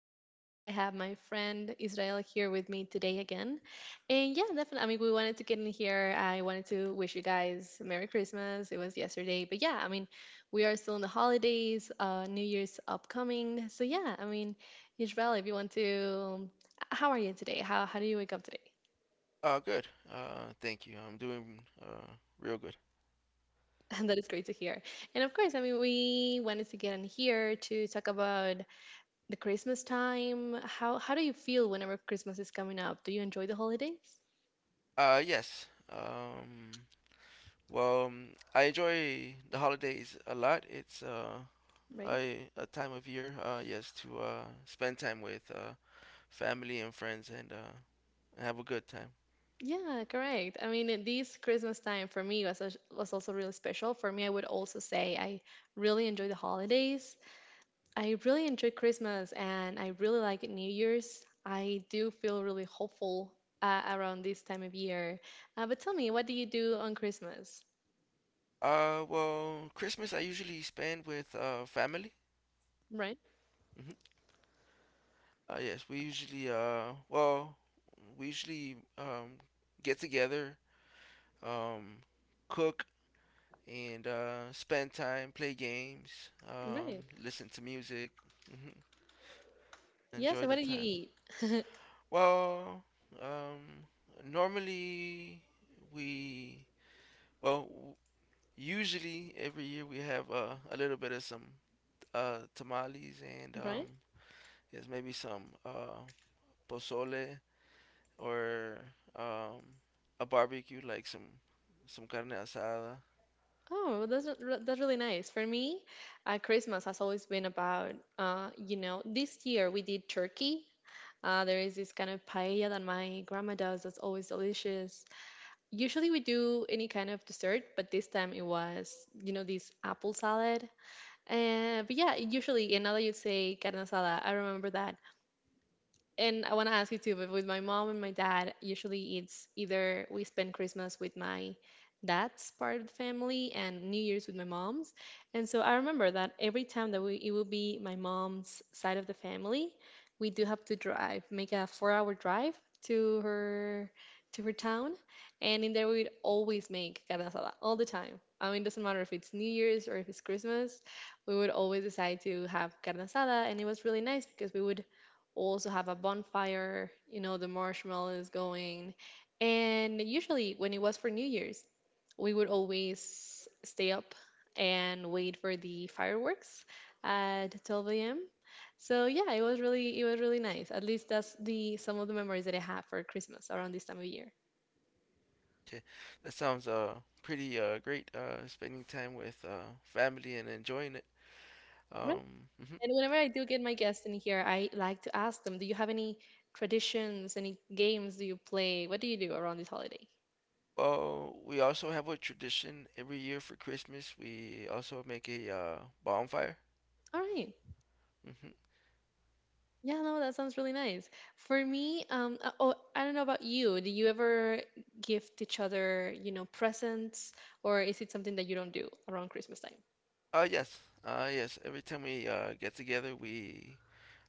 podcast. I have my friend Israel here with me today again. And yeah, definitely. I mean, we wanted to get in here. I wanted to wish you guys Merry Christmas. It was yesterday. But yeah, I mean, we are still in the holidays, New Year's upcoming. So yeah, I mean, Israel, if you want to, how are you today? How do you wake up today? Good. Thank you. I'm doing real good. And that is great to hear. And of course, I mean, we wanted to get in here to talk about the Christmas time. How do you feel whenever Christmas is coming up? Do you enjoy the holidays? Yes. Um, well, I enjoy the holidays a lot. It's Right. I a time of year. Yes, to spend time with family and friends and have a good time. Yeah, correct. I mean, this Christmas time for me was also really special. For me, I would also say I really enjoy the holidays. I really enjoy Christmas and I really like New Year's. I do feel really hopeful around this time of year. But tell me, what do you do on Christmas? Well, Christmas I usually spend with family. Right. Hmm. Yes, we usually we usually um get together, um, cook and spend time, play games, Right. Listen to music, mhm, Yes, enjoy and the what do you time. eat? Well, um, normally we well usually every year we have a little bit of some tamales, and Right. there's maybe some pozole, or um, a barbecue like some carne asada. Oh, that's really nice. For me, Christmas has always been about, this year we did turkey. There is this kind of paella that my grandma does that's always delicious. Usually we do any kind of dessert, but this time it was, this apple salad. But yeah, usually, and now that you say carne asada, I remember that, and I want to ask you too. But with my mom and my dad, usually it's either we spend Christmas with my dad's part of the family and New Year's with my mom's. And so I remember that every time that we, it will be my mom's side of the family, we do have to drive, make a 4-hour drive to her to her town. And in there we'd always make carne asada all the time. I mean, it doesn't matter if it's New Year's or if it's Christmas, we would always decide to have carne asada, and it was really nice because we would also have a bonfire, the marshmallows going. And usually, when it was for New Year's, we would always stay up and wait for the fireworks at 12 a.m. So yeah, it was really nice. At least that's the some of the memories that I have for Christmas around this time of year. Okay, that sounds pretty great. Spending time with family and enjoying it. Right. Mhm. And whenever I do get my guests in here, I like to ask them, do you have any traditions, any games do you play? What do you do around this holiday? Well, we also have a tradition every year for Christmas. We also make a bonfire. All right. Hmm. Yeah, no, that sounds really nice. For me, oh, I don't know about you. Do you ever gift each other, presents, or is it something that you don't do around Christmas time? Yes. Yes. Every time we get together, we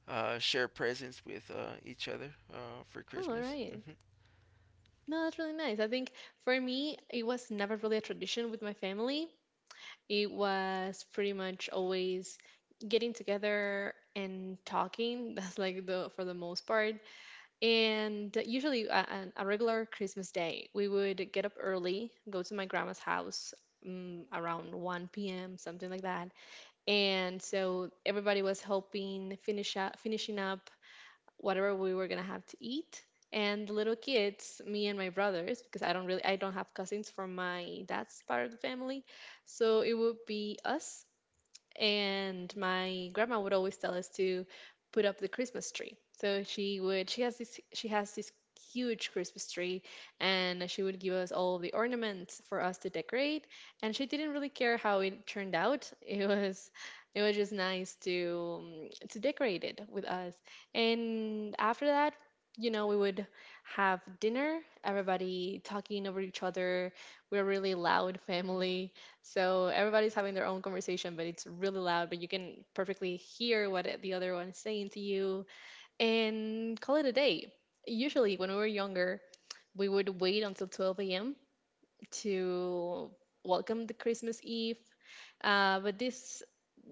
share presents with each other for Oh, all Christmas. right. Hmm. No, that's really nice. I think for me, it was never really a tradition with my family. It was pretty much always getting together and talking. That's like the for the most part. And usually, a regular Christmas day, we would get up early, go to my grandma's house around 1 p.m., something like that. And so everybody was helping finishing up whatever we were gonna have to eat. And the little kids, me and my brothers, because I don't have cousins from my dad's part of the family, so it would be us, and my grandma would always tell us to put up the Christmas tree. So she has this huge Christmas tree, and she would give us all the ornaments for us to decorate, and she didn't really care how it turned out. It was just nice to decorate it with us. And after that, we would have dinner, everybody talking over each other. We're a really loud family, so everybody's having their own conversation, but it's really loud, but you can perfectly hear what the other one is saying to you, and call it a day. Usually, when we were younger, we would wait until 12 a.m. to welcome the Christmas Eve. But this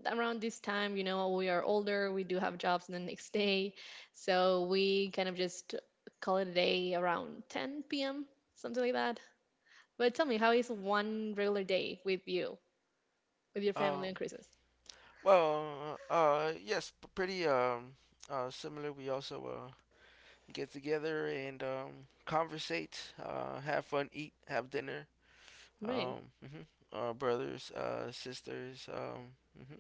Around this time, we are older, we do have jobs the next day, so we kind of just call it a day around 10 p.m., something like that. But tell me, how is one regular day with you, with your family on Um, Christmas? well, yes, pretty similar. We also get together and, conversate, have fun, eat, have dinner. Right. Mhm. Brothers, sisters,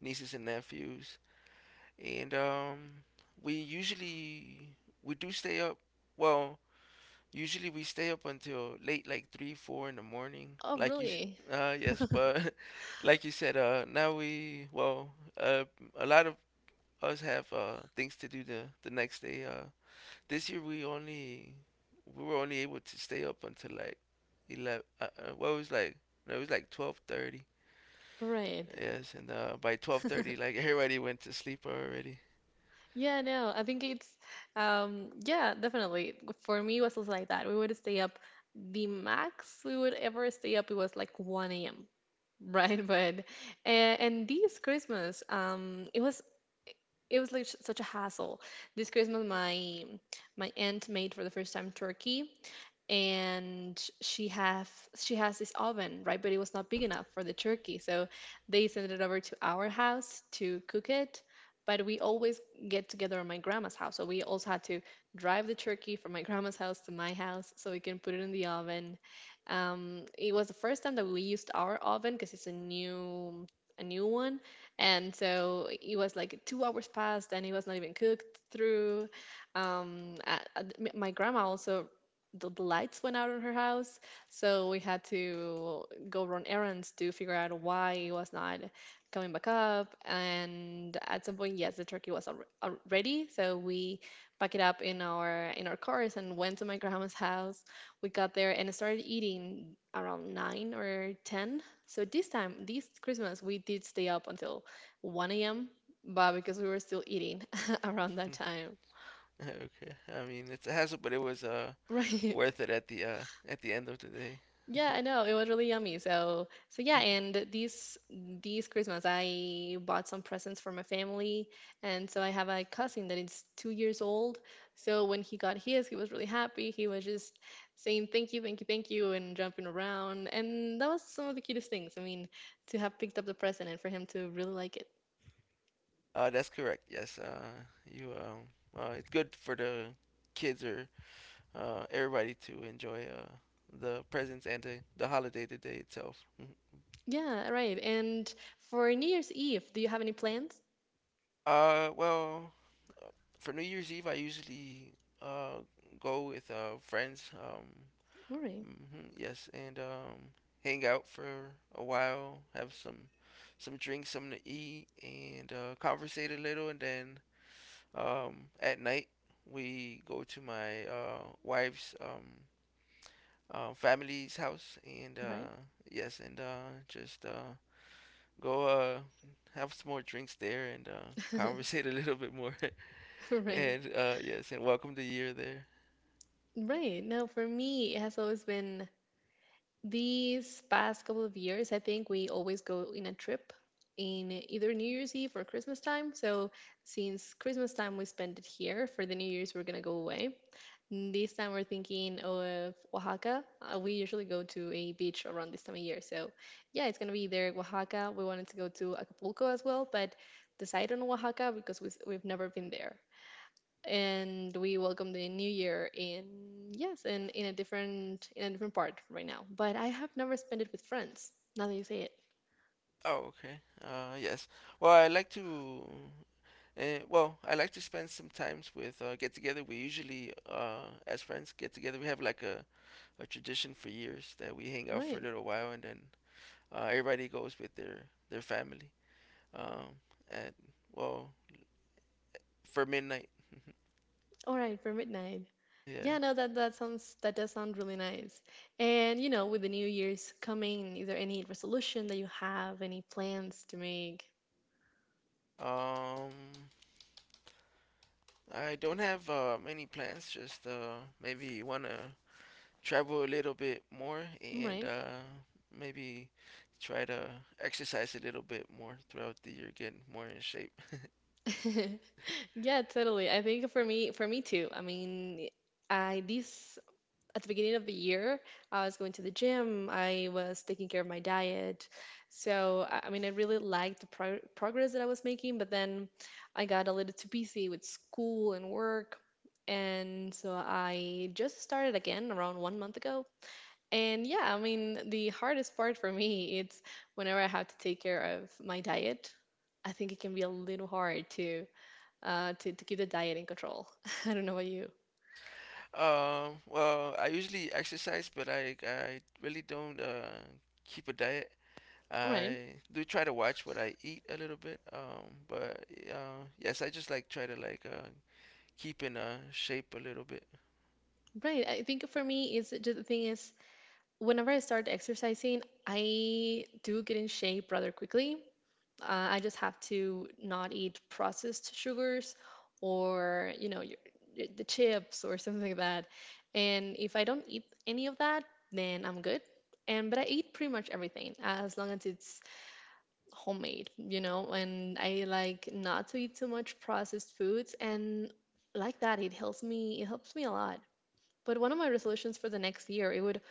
nieces and nephews, and we usually we do stay up. Well, usually we stay up until late, like three, four in the morning. Oh, Like you, really? Yes, but like you said, now we, uh, a lot of us have things to do the next day. This year we were only able to stay up until like 11, what was like — no, it was like 12:30. Right. Yes, and by 12:30, like, everybody went to sleep already. Yeah, no, I think it's, yeah, definitely. For me, it was also like that. We would stay up, the max we would ever stay up, it was like 1 a.m., right? But, and this Christmas, it was like such a hassle. This Christmas, my aunt made for the first time turkey, and she has this oven, right? But it was not big enough for the turkey, so they sent it over to our house to cook it. But we always get together at my grandma's house, so we also had to drive the turkey from my grandma's house to my house so we can put it in the oven. It was the first time that we used our oven because it's a new one. And so it was like 2 hours past and it was not even cooked through. My grandma also, the lights went out on her house, so we had to go run errands to figure out why it was not coming back up. And at some point, yes, the turkey was ready, so we packed it up in our cars and went to my grandma's house. We got there and started eating around nine or ten. So this time, this Christmas, we did stay up until 1 a.m. But because we were still eating around that time, Okay, I mean, it's a hassle, but it was right? worth it at the end of the day. Yeah, I know. It was really yummy. So yeah, and these Christmas I bought some presents for my family, and so I have a cousin that is 2 years old. So when he got his, he was really happy. He was just saying thank you, thank you, thank you, and jumping around, and that was some of the cutest things. I mean, to have picked up the present and for him to really like it. That's correct, yes. You It's good for the kids, or everybody, to enjoy the presents, and the holiday, the day itself. Yeah, right. And for New Year's Eve, do you have any plans? Well, for New Year's Eve, I usually uh, go with friends. All right, Mhm, yes, and hang out for a while, have some drinks, something to eat, and conversate a little. And then, at night, we go to my wife's family's house, and right, yes, and just go have some more drinks there and conversate a little bit more. right. And yes, and welcome the year there. Right. No, for me, it has always been these past couple of years, I think we always go in a trip in either New Year's Eve or Christmas time. So since Christmas time we spend it here, for the New Year's we're gonna go away. This time we're thinking of Oaxaca. We usually go to a beach around this time of year. So yeah, it's gonna be there, Oaxaca. We wanted to go to Acapulco as well, but decide on Oaxaca because we've never been there, and we welcome the new year in, yes, in a different part right now, but I have never spent it with friends, now that you say it. Oh, okay. Yes. Well, I like to. Well, I like to spend some times with get together. We usually, as friends, get together. We have like a tradition for years that we hang out for a Right. little while, and then everybody goes with their family. Um, at well, for midnight. All right, for midnight. Yeah, Yes. no, that that sounds that does sound really nice. And with the New Year's coming, is there any resolution that you have, any plans to make? Um, I don't have many plans. Just maybe one to travel a little bit more, and Right. Maybe try to exercise a little bit more throughout the year, get more in shape. Yeah, totally. I think for me, too. I mean, I this at the beginning of the year, I was going to the gym, I was taking care of my diet. So, I really liked the progress that I was making, but then I got a little too busy with school and work. And so I just started again around one month ago. And yeah, I mean, the hardest part for me, it's whenever I have to take care of my diet. I think it can be a little hard to to keep the diet in control. I don't know about you. Well, I usually exercise, but I really don't keep a diet. All right, I do try to watch what I eat a little bit, but yes, I just like try to like keep in shape a little bit. right. I think for me is just the thing is, whenever I start exercising, I do get in shape rather quickly. Uh, I just have to not eat processed sugars or, the chips or something like that. And if I don't eat any of that, then I'm good. And but I eat pretty much everything as long as it's homemade, and I like not to eat too much processed foods, and like that it helps me a lot. But one of my resolutions for the next year, it would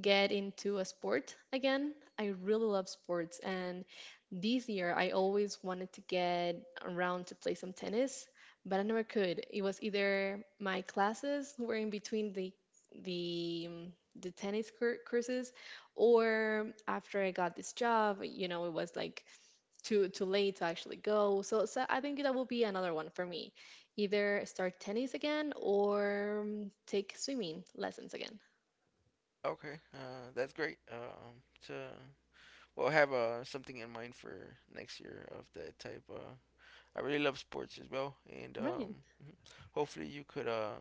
get into a sport again. I really love sports, and this year I always wanted to get around to play some tennis, but I never could. It was either my classes were in between the um, the tennis courses, or after I got this job, it was like too late to actually go. So I think that will be another one for me. Either start tennis again or take swimming lessons again. Okay, that's great. To well, I have something in mind for next year of that type. I really love sports as well, and Right. hopefully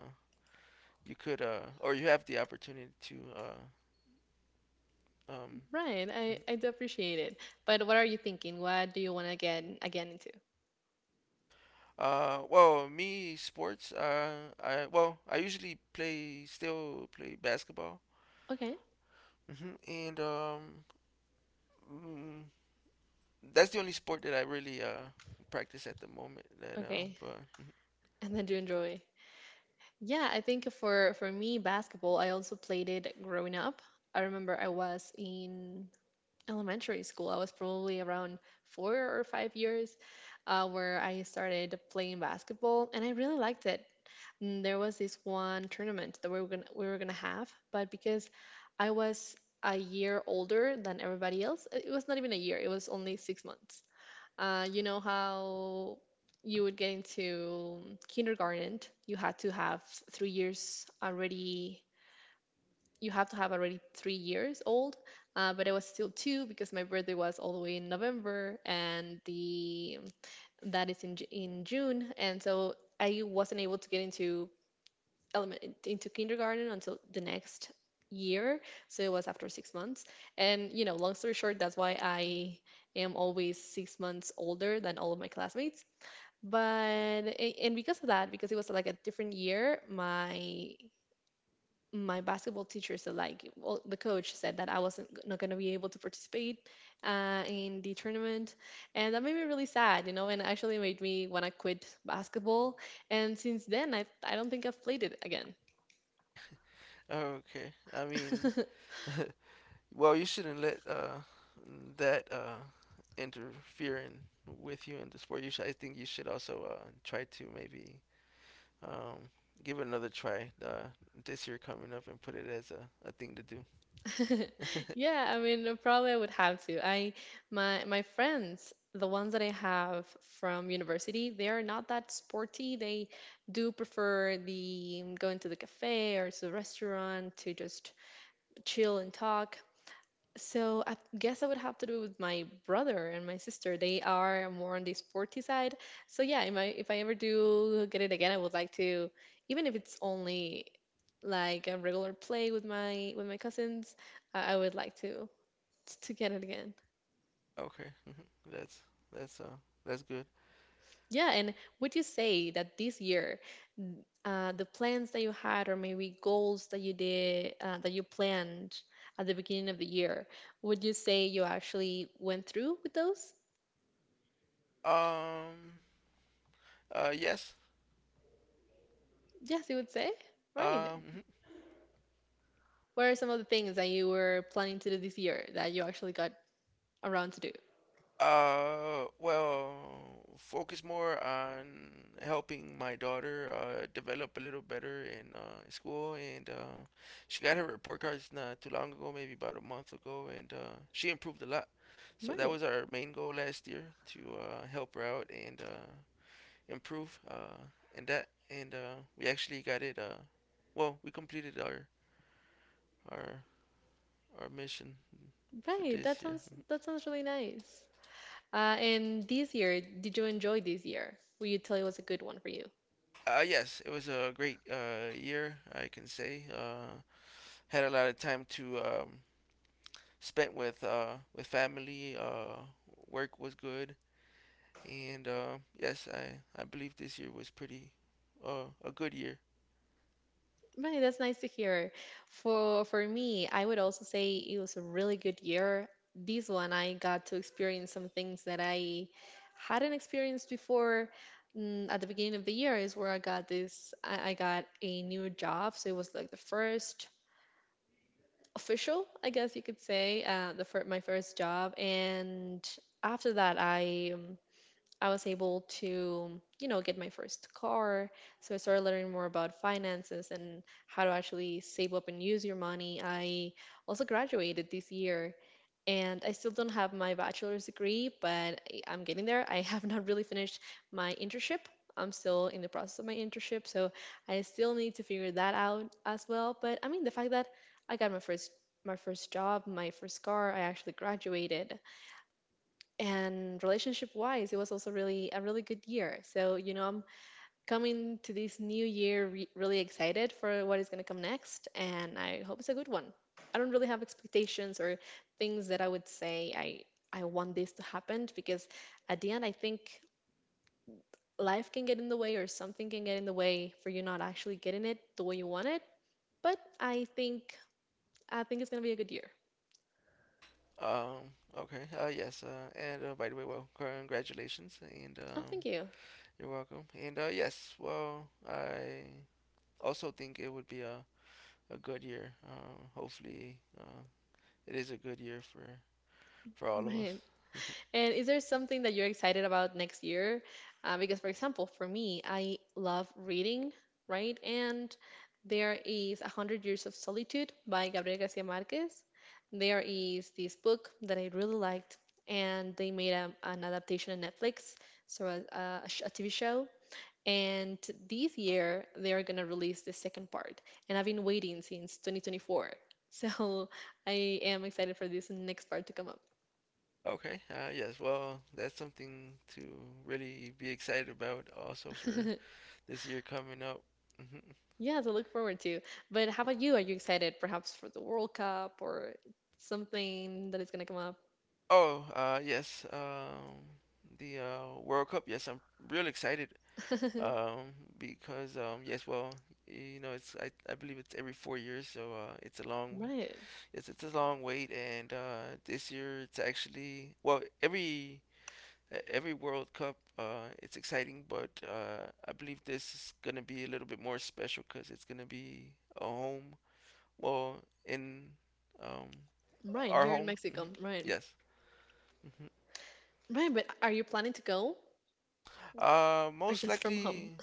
you could or you have the opportunity to um, Right, I, mhm. I do appreciate it. But what are you thinking? What do you want to get again into? Well, me sports. I usually play still play basketball. Okay, And mm, that's the only sport that I really practice at the moment. That okay. but And then do you enjoy? Yeah, I think for me, basketball, I also played it growing up. I remember I was in elementary school. I was probably around 4 or 5 years where I started playing basketball, and I really liked it. There was this one tournament that we were gonna have, but because I was a year older than everybody else, it was not even a year. It was only 6 months. You know how you would get into kindergarten, you had to have 3 years already. You have to have already 3 years old, but I was still two because my birthday was all the way in November, and the that is in June, and so I wasn't able to get into kindergarten until the next year. So it was after 6 months. And long story short, that's why I am always 6 months older than all of my classmates. But and because of that, because it was like a different year, my basketball teacher said, like, well, the coach said that I wasn't not gonna be able to participate in the tournament, and that made me really sad, you know, and actually made me wanna quit basketball. And since then, I don't think I've played it again. okay, I mean, Well, you shouldn't let that interfere with you in the sport. I think you should also try to maybe, um, give it another try, this year coming up, and put it as a thing to do. Yeah, I mean, probably I would have to. I my my friends, the ones that I have from university, they are not that sporty. They do prefer the going to the cafe or to the restaurant to just chill and talk. So I guess I would have to do with my brother and my sister. They are more on the sporty side. So yeah, if I ever do get it again, I would like to, even if it's only like a regular play with my cousins, I would like to get it again. Okay. Mhm. that's that's uh that's good. Yeah, and would you say that this year, n- the plans that you had, or maybe goals that you did, that you planned at the beginning of the year, would you say you actually went through with those? Um, yes. Yes, you would say. Right. Um, mhm. What are some of the things that you were planning to do this year that you actually got around to do? Well, focus more on helping my daughter develop a little better in school, and she got her report cards not too long ago, maybe about a month ago, and she improved a lot. So that Right. was our main goal last year, to help her out and improve in that, and we actually got it. Well, we completed our our mission for Right. That this year. sounds that sounds really nice. And this year, did you enjoy this year? Will you tell it was a good one for you? Yes, it was a great year, I can say. Had a lot of time to, spent with family. Work was good, and yes, I believe this year was pretty, a good year. Right, that's nice to hear. For me, I would also say it was a really good year. This one, I got to experience some things that I hadn't experienced before. At the beginning of the year is where I got this. I got a new job, so it was like the first official, I guess you could say, my first job. And after that, I was able to get my first car. So I started learning more about finances and how to actually save up and use your money. I also graduated this year and I still don't have my bachelor's degree, but I'm getting there. I have not really finished my internship. I'm still in the process of my internship, so I still need to figure that out as well. But I mean, the fact that I got my first job, my first car, I actually graduated, and relationship wise, it was also really a really good year. So I'm coming to this new year really excited for what is going to come next, and I hope it's a good one. I don't really have expectations or things that I would say I want this to happen, because at the end I think life can get in the way or something can get in the way for you not actually getting it the way you want it. But I think it's going to be a good year. Okay. Yes. And by the way, well, congratulations, and Oh, thank you. you're welcome. And yes, well, I also think it would be a good year. Hopefully, it is a good year for all of us. Right. And is there something that you're excited about next year? Because for example, for me, I love reading, right? And there is A Hundred Years of Solitude by Gabriel Garcia Marquez. There is this book that I really liked, and they made an adaptation on Netflix, so a TV show. And this year, they are going to release the second part. And I've been waiting since 2024. So I am excited for this next part to come up. Okay, yes, well, that's something to really be excited about, also for this year coming up. Mhm. Yeah, to look forward to. But how about you? Are you excited perhaps for the World Cup or something that is going to come up? Oh, yes, the World Cup, yes, I'm real excited, because, yes, well, you know, it's I believe it's every 4 years, so Right. yes, it's a long wait, and this year it's actually, well, every every World Cup, it's exciting, but I believe this is gonna be a little bit more special because it's gonna be a home. Well, in, um, Right, our here in home. Hmm. Mexico. Right. Yes. Hmm. Right, but are you planning to go Uh, or most just from home? likely.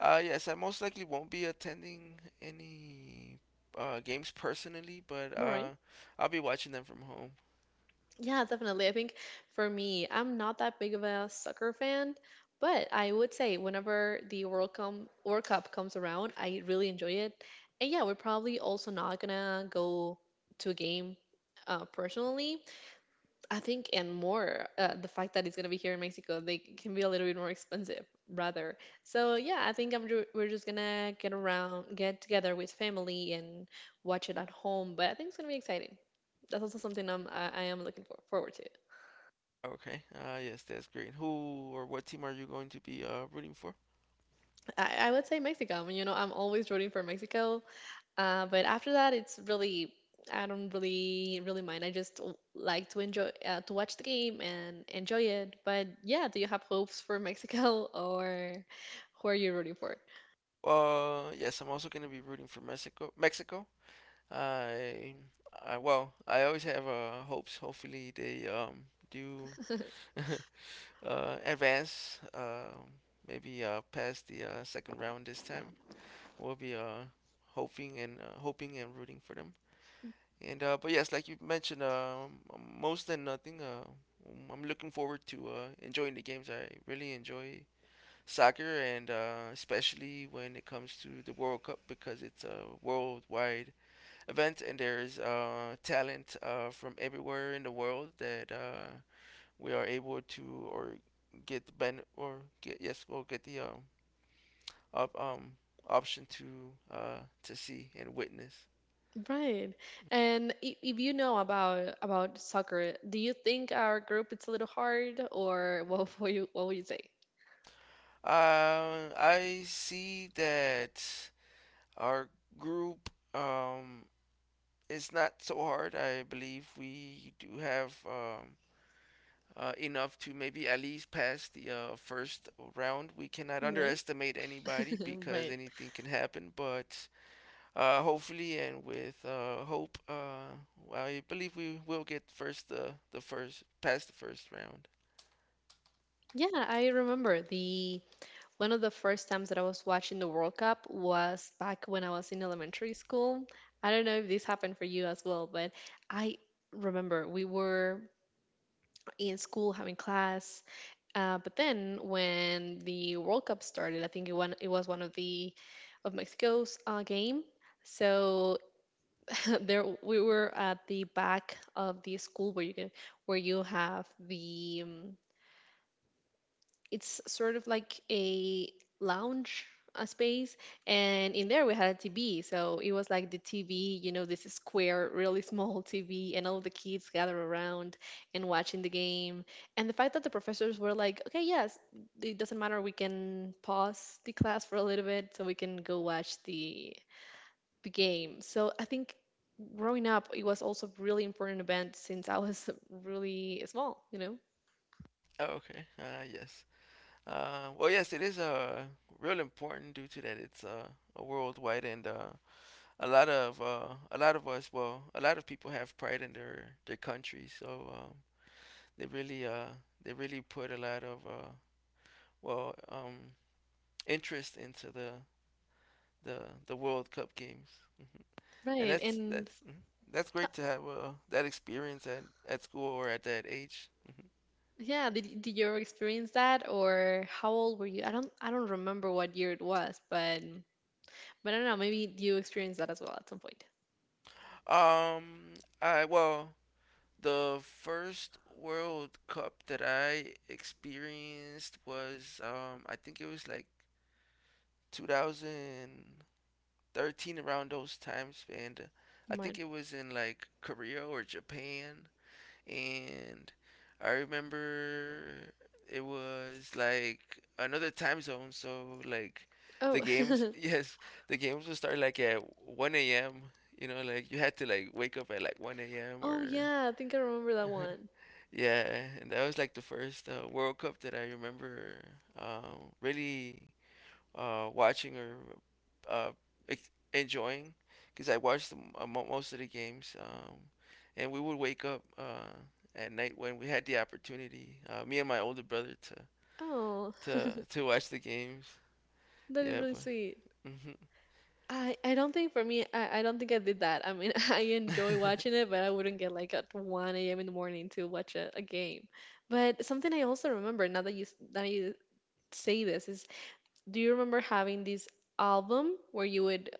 Yes, I most likely won't be attending any games personally, but All right. I'll be watching them from home. Yeah, definitely. I think for me, I'm not that big of a soccer fan, but I would say whenever the World Cup comes around, I really enjoy it. And yeah, we're probably also not gonna go to a game personally, I think, and more, the fact that it's gonna be here in Mexico, they can be a little bit more expensive, rather. So yeah, I think we're just gonna get around, get together with family and watch it at home. But I think it's gonna be exciting. That's also something I am looking forward to. Okay. Yes, that's great. Who or what team are you going to be rooting for? I would say Mexico. I mean, I'm always rooting for Mexico. But after that, it's really I don't really mind. I just like to enjoy to watch the game and enjoy it. But yeah, do you have hopes for Mexico or who are you rooting for? Yes, I'm also going to be rooting for Mexico. Mexico. I, I always have hopes. Hopefully they do advance. Maybe past the second round this time. We'll be hoping and rooting for them. And but yes, like you mentioned, most than nothing. I'm looking forward to enjoying the games. I really enjoy soccer, and especially when it comes to the World Cup, because it's a worldwide event, and there is talent from everywhere in the world, that we are able to or get the ben or get, yes, we'll get the op- um option to see and witness. Right. And if you know about soccer, do you think our group it's a little hard or what would you say? I see that our group, is not so hard. I believe we do have, enough to maybe at least pass the first round. We cannot Right. underestimate anybody, because Right. anything can happen. But hopefully, and with hope, I believe we will get first the first past the first round. Yeah, I remember the one of the first times that I was watching the World Cup was back when I was in elementary school. I don't know if this happened for you as well, but I remember we were in school having class. But then when the World Cup started, I think it was one of the of Mexico's game. So there we were at the back of the school where you have the it's sort of like a lounge space, and in there we had a TV. So it was like the TV, this square, really small TV, and all the kids gather around and watching the game, and the fact that the professors were like, okay, yes, it doesn't matter, we can pause the class for a little bit so we can go watch the game. So I think growing up it was also really important event since I was really small. Oh, okay. Yes. Well, yes, it is real important, due to that it's a worldwide, and a lot of us, well, a lot of people have pride in their country. So they really uh they really put a lot of well um interest into the the World Cup games. Mhm. And Right. And that's mhm. that's great to have that experience at school, or at that age. yeah, did you ever experience that or how old were you? I don't remember what year it was, but I don't know, maybe you experienced that as well at some point. Um, I well the first World Cup that I experienced was, I think it was like 2013, around those times. And I think Mine. it was in like Korea or Japan. And I remember it was like another time zone, so like Oh. Yes, the games would start like at 1 a.m. You know, like you had to like wake up at like 1 a.m., Oh or yeah, I think I remember that one. yeah. And that was like the first World Cup that I remember, really watching, or uh, enjoying, because I watched, most of the games. And we would wake up at night, when we had the opportunity, me and my older brother, to Oh, to to watch the games. that is Yeah, really but, sweet. hmm. I don't think for me I don't think I did that. I mean I enjoy watching it, but I wouldn't get like at 1 a.m. in the morning to watch a game. But something I also remember, now that you say this, is, do you remember having this album where you would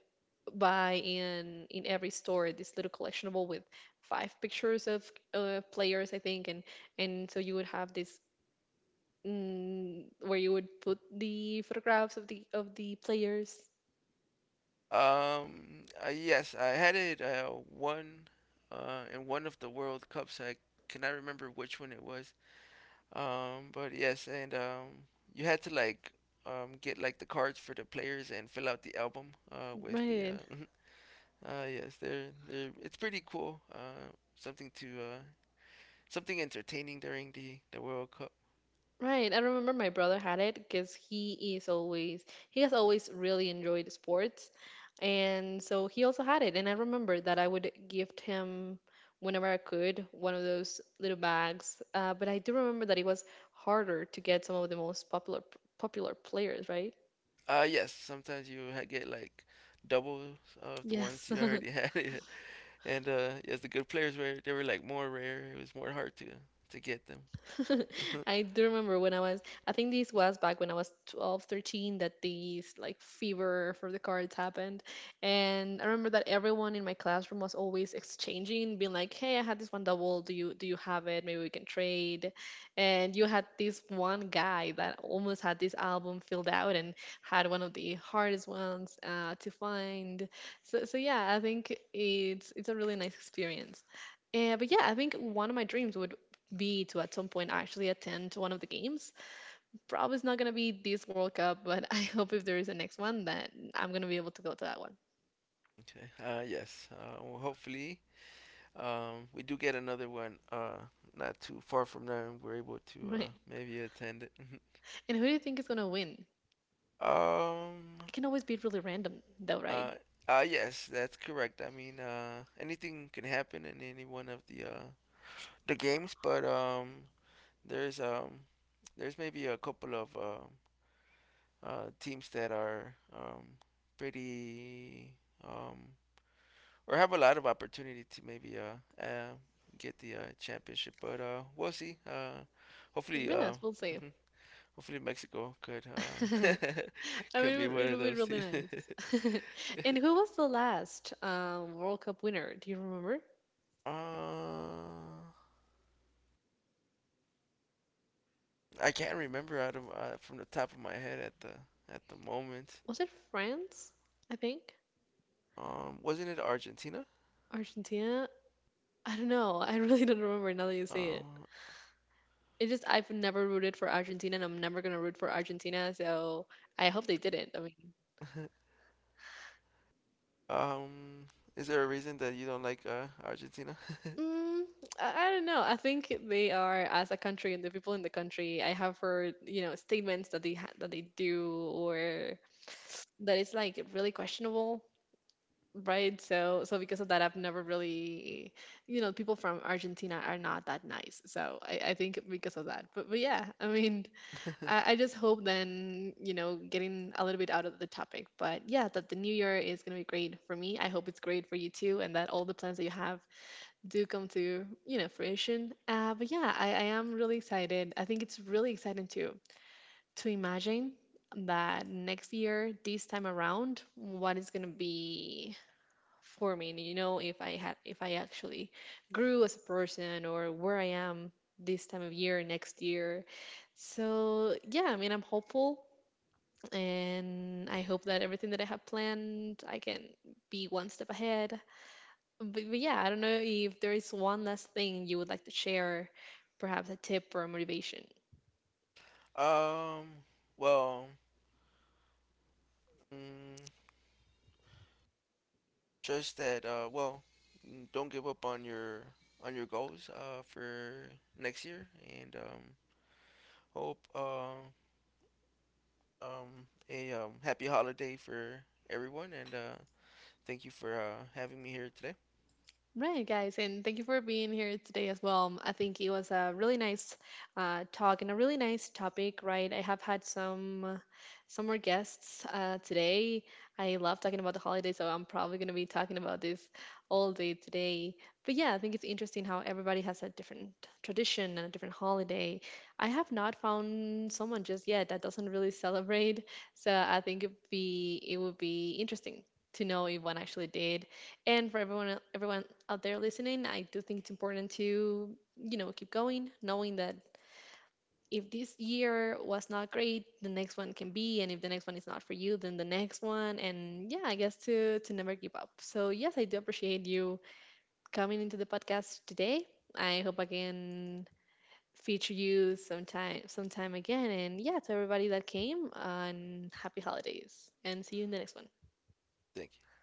buy in every store this little collectionable with five pictures of players I think, and so you would have this where you would put the photographs of the players, um, yes, I had it one, in one of the World Cups. I cannot remember which one it was. But yes, and you had to like, get like the cards for the players, and fill out the album with the. right. Yes, they're it's pretty cool. Something to something entertaining during the World Cup. Right. I remember my brother had it because he has always really enjoyed sports. And so he also had it. And I remember that I would gift him whenever I could one of those little bags. But I do remember that it was harder to get some of the most popular players, right? Yes, sometimes you get like doubles of the ones Yes. you already had. And yes, the good players were they were like more rare. It was more hard to get them. I do remember I think this was back when I was 12, 13 that these like fever for the cards happened. And I remember that everyone in my classroom was always exchanging, being like, "Hey, I had this one double. Do you have it? Maybe we can trade." And you had this one guy that almost had this album filled out and had one of the hardest ones to find. So yeah, I think it's a really nice experience. But yeah, I think one of my dreams would be to at some point actually attend one of the games. Probably it's not gonna be this World Cup, but I hope if there is a next one that I'm gonna be able to go to that one. Okay. Yes. Well, hopefully we do get another one not too far from there, and we're able to Right. Maybe attend it. And who do you think is gonna win? um, It can always be really random though, right? uh, yes, that's correct. I mean, anything can happen in any one of the games, but there's um, there's maybe a couple of teams that are, pretty, um, or have a lot of opportunity to maybe get the championship, but we'll see. Hopefully. Yes, we'll see. mhm. Hopefully Mexico could I mean, could be one it of would be those really too. nice. And who was the last World Cup winner? Do you remember? uh, I can't remember out of from the top of my head at the moment. Was it France? I think Wasn't it Argentina? Argentina. I don't know. I really don't remember now that you say it. Um, It just I've never rooted for Argentina, and I'm never gonna root for Argentina. So I hope they didn't. I mean, um, is there a reason that you don't like Argentina? mm, I don't know. I think they are as a country and the people in the country. I have heard, you know, statements that that they do or that it's like really questionable, right? So because of that, I've never really, you know, people from Argentina are not that nice. So I think because of that. But yeah, I mean I just hope then, getting a little bit out of the topic, but yeah, that the new year is going to be great for me. I hope it's great for you too, and that all the plans that you have do come to, fruition. But yeah, I am really excited. I think it's really exciting to imagine that next year, this time around, what is going to be for me. And, you know, if I had, if I actually grew as a person or where I am this time of year next year. So yeah, I mean, I'm hopeful and I hope that everything that I have planned, I can be one step ahead. But yeah, I don't know if there is one last thing you would like to share, perhaps a tip or a motivation. um, well, mm, just that. Well, don't give up on your goals, for next year, and hope a happy holiday for everyone. And thank you for having me here today. Right, guys, and thank you for being here today as well. I think it was a really nice talk and a really nice topic, right? I have had some more guests today. I love talking about the holidays, so I'm probably going to be talking about this all day today. But yeah, I think it's interesting how everybody has a different tradition and a different holiday. I have not found someone just yet that doesn't really celebrate, so I think it would be interesting to know if one actually did, and for everyone everyone out there listening, I do think it's important to, you know, keep going, knowing that if this year was not great, the next one can be, and if the next one is not for you, then the next one, and yeah, I guess to never give up. So yes, I do appreciate you coming into the podcast today. I hope I can feature you sometime again, and yeah, to everybody that came, and happy holidays, and see you in the next one. Thank you.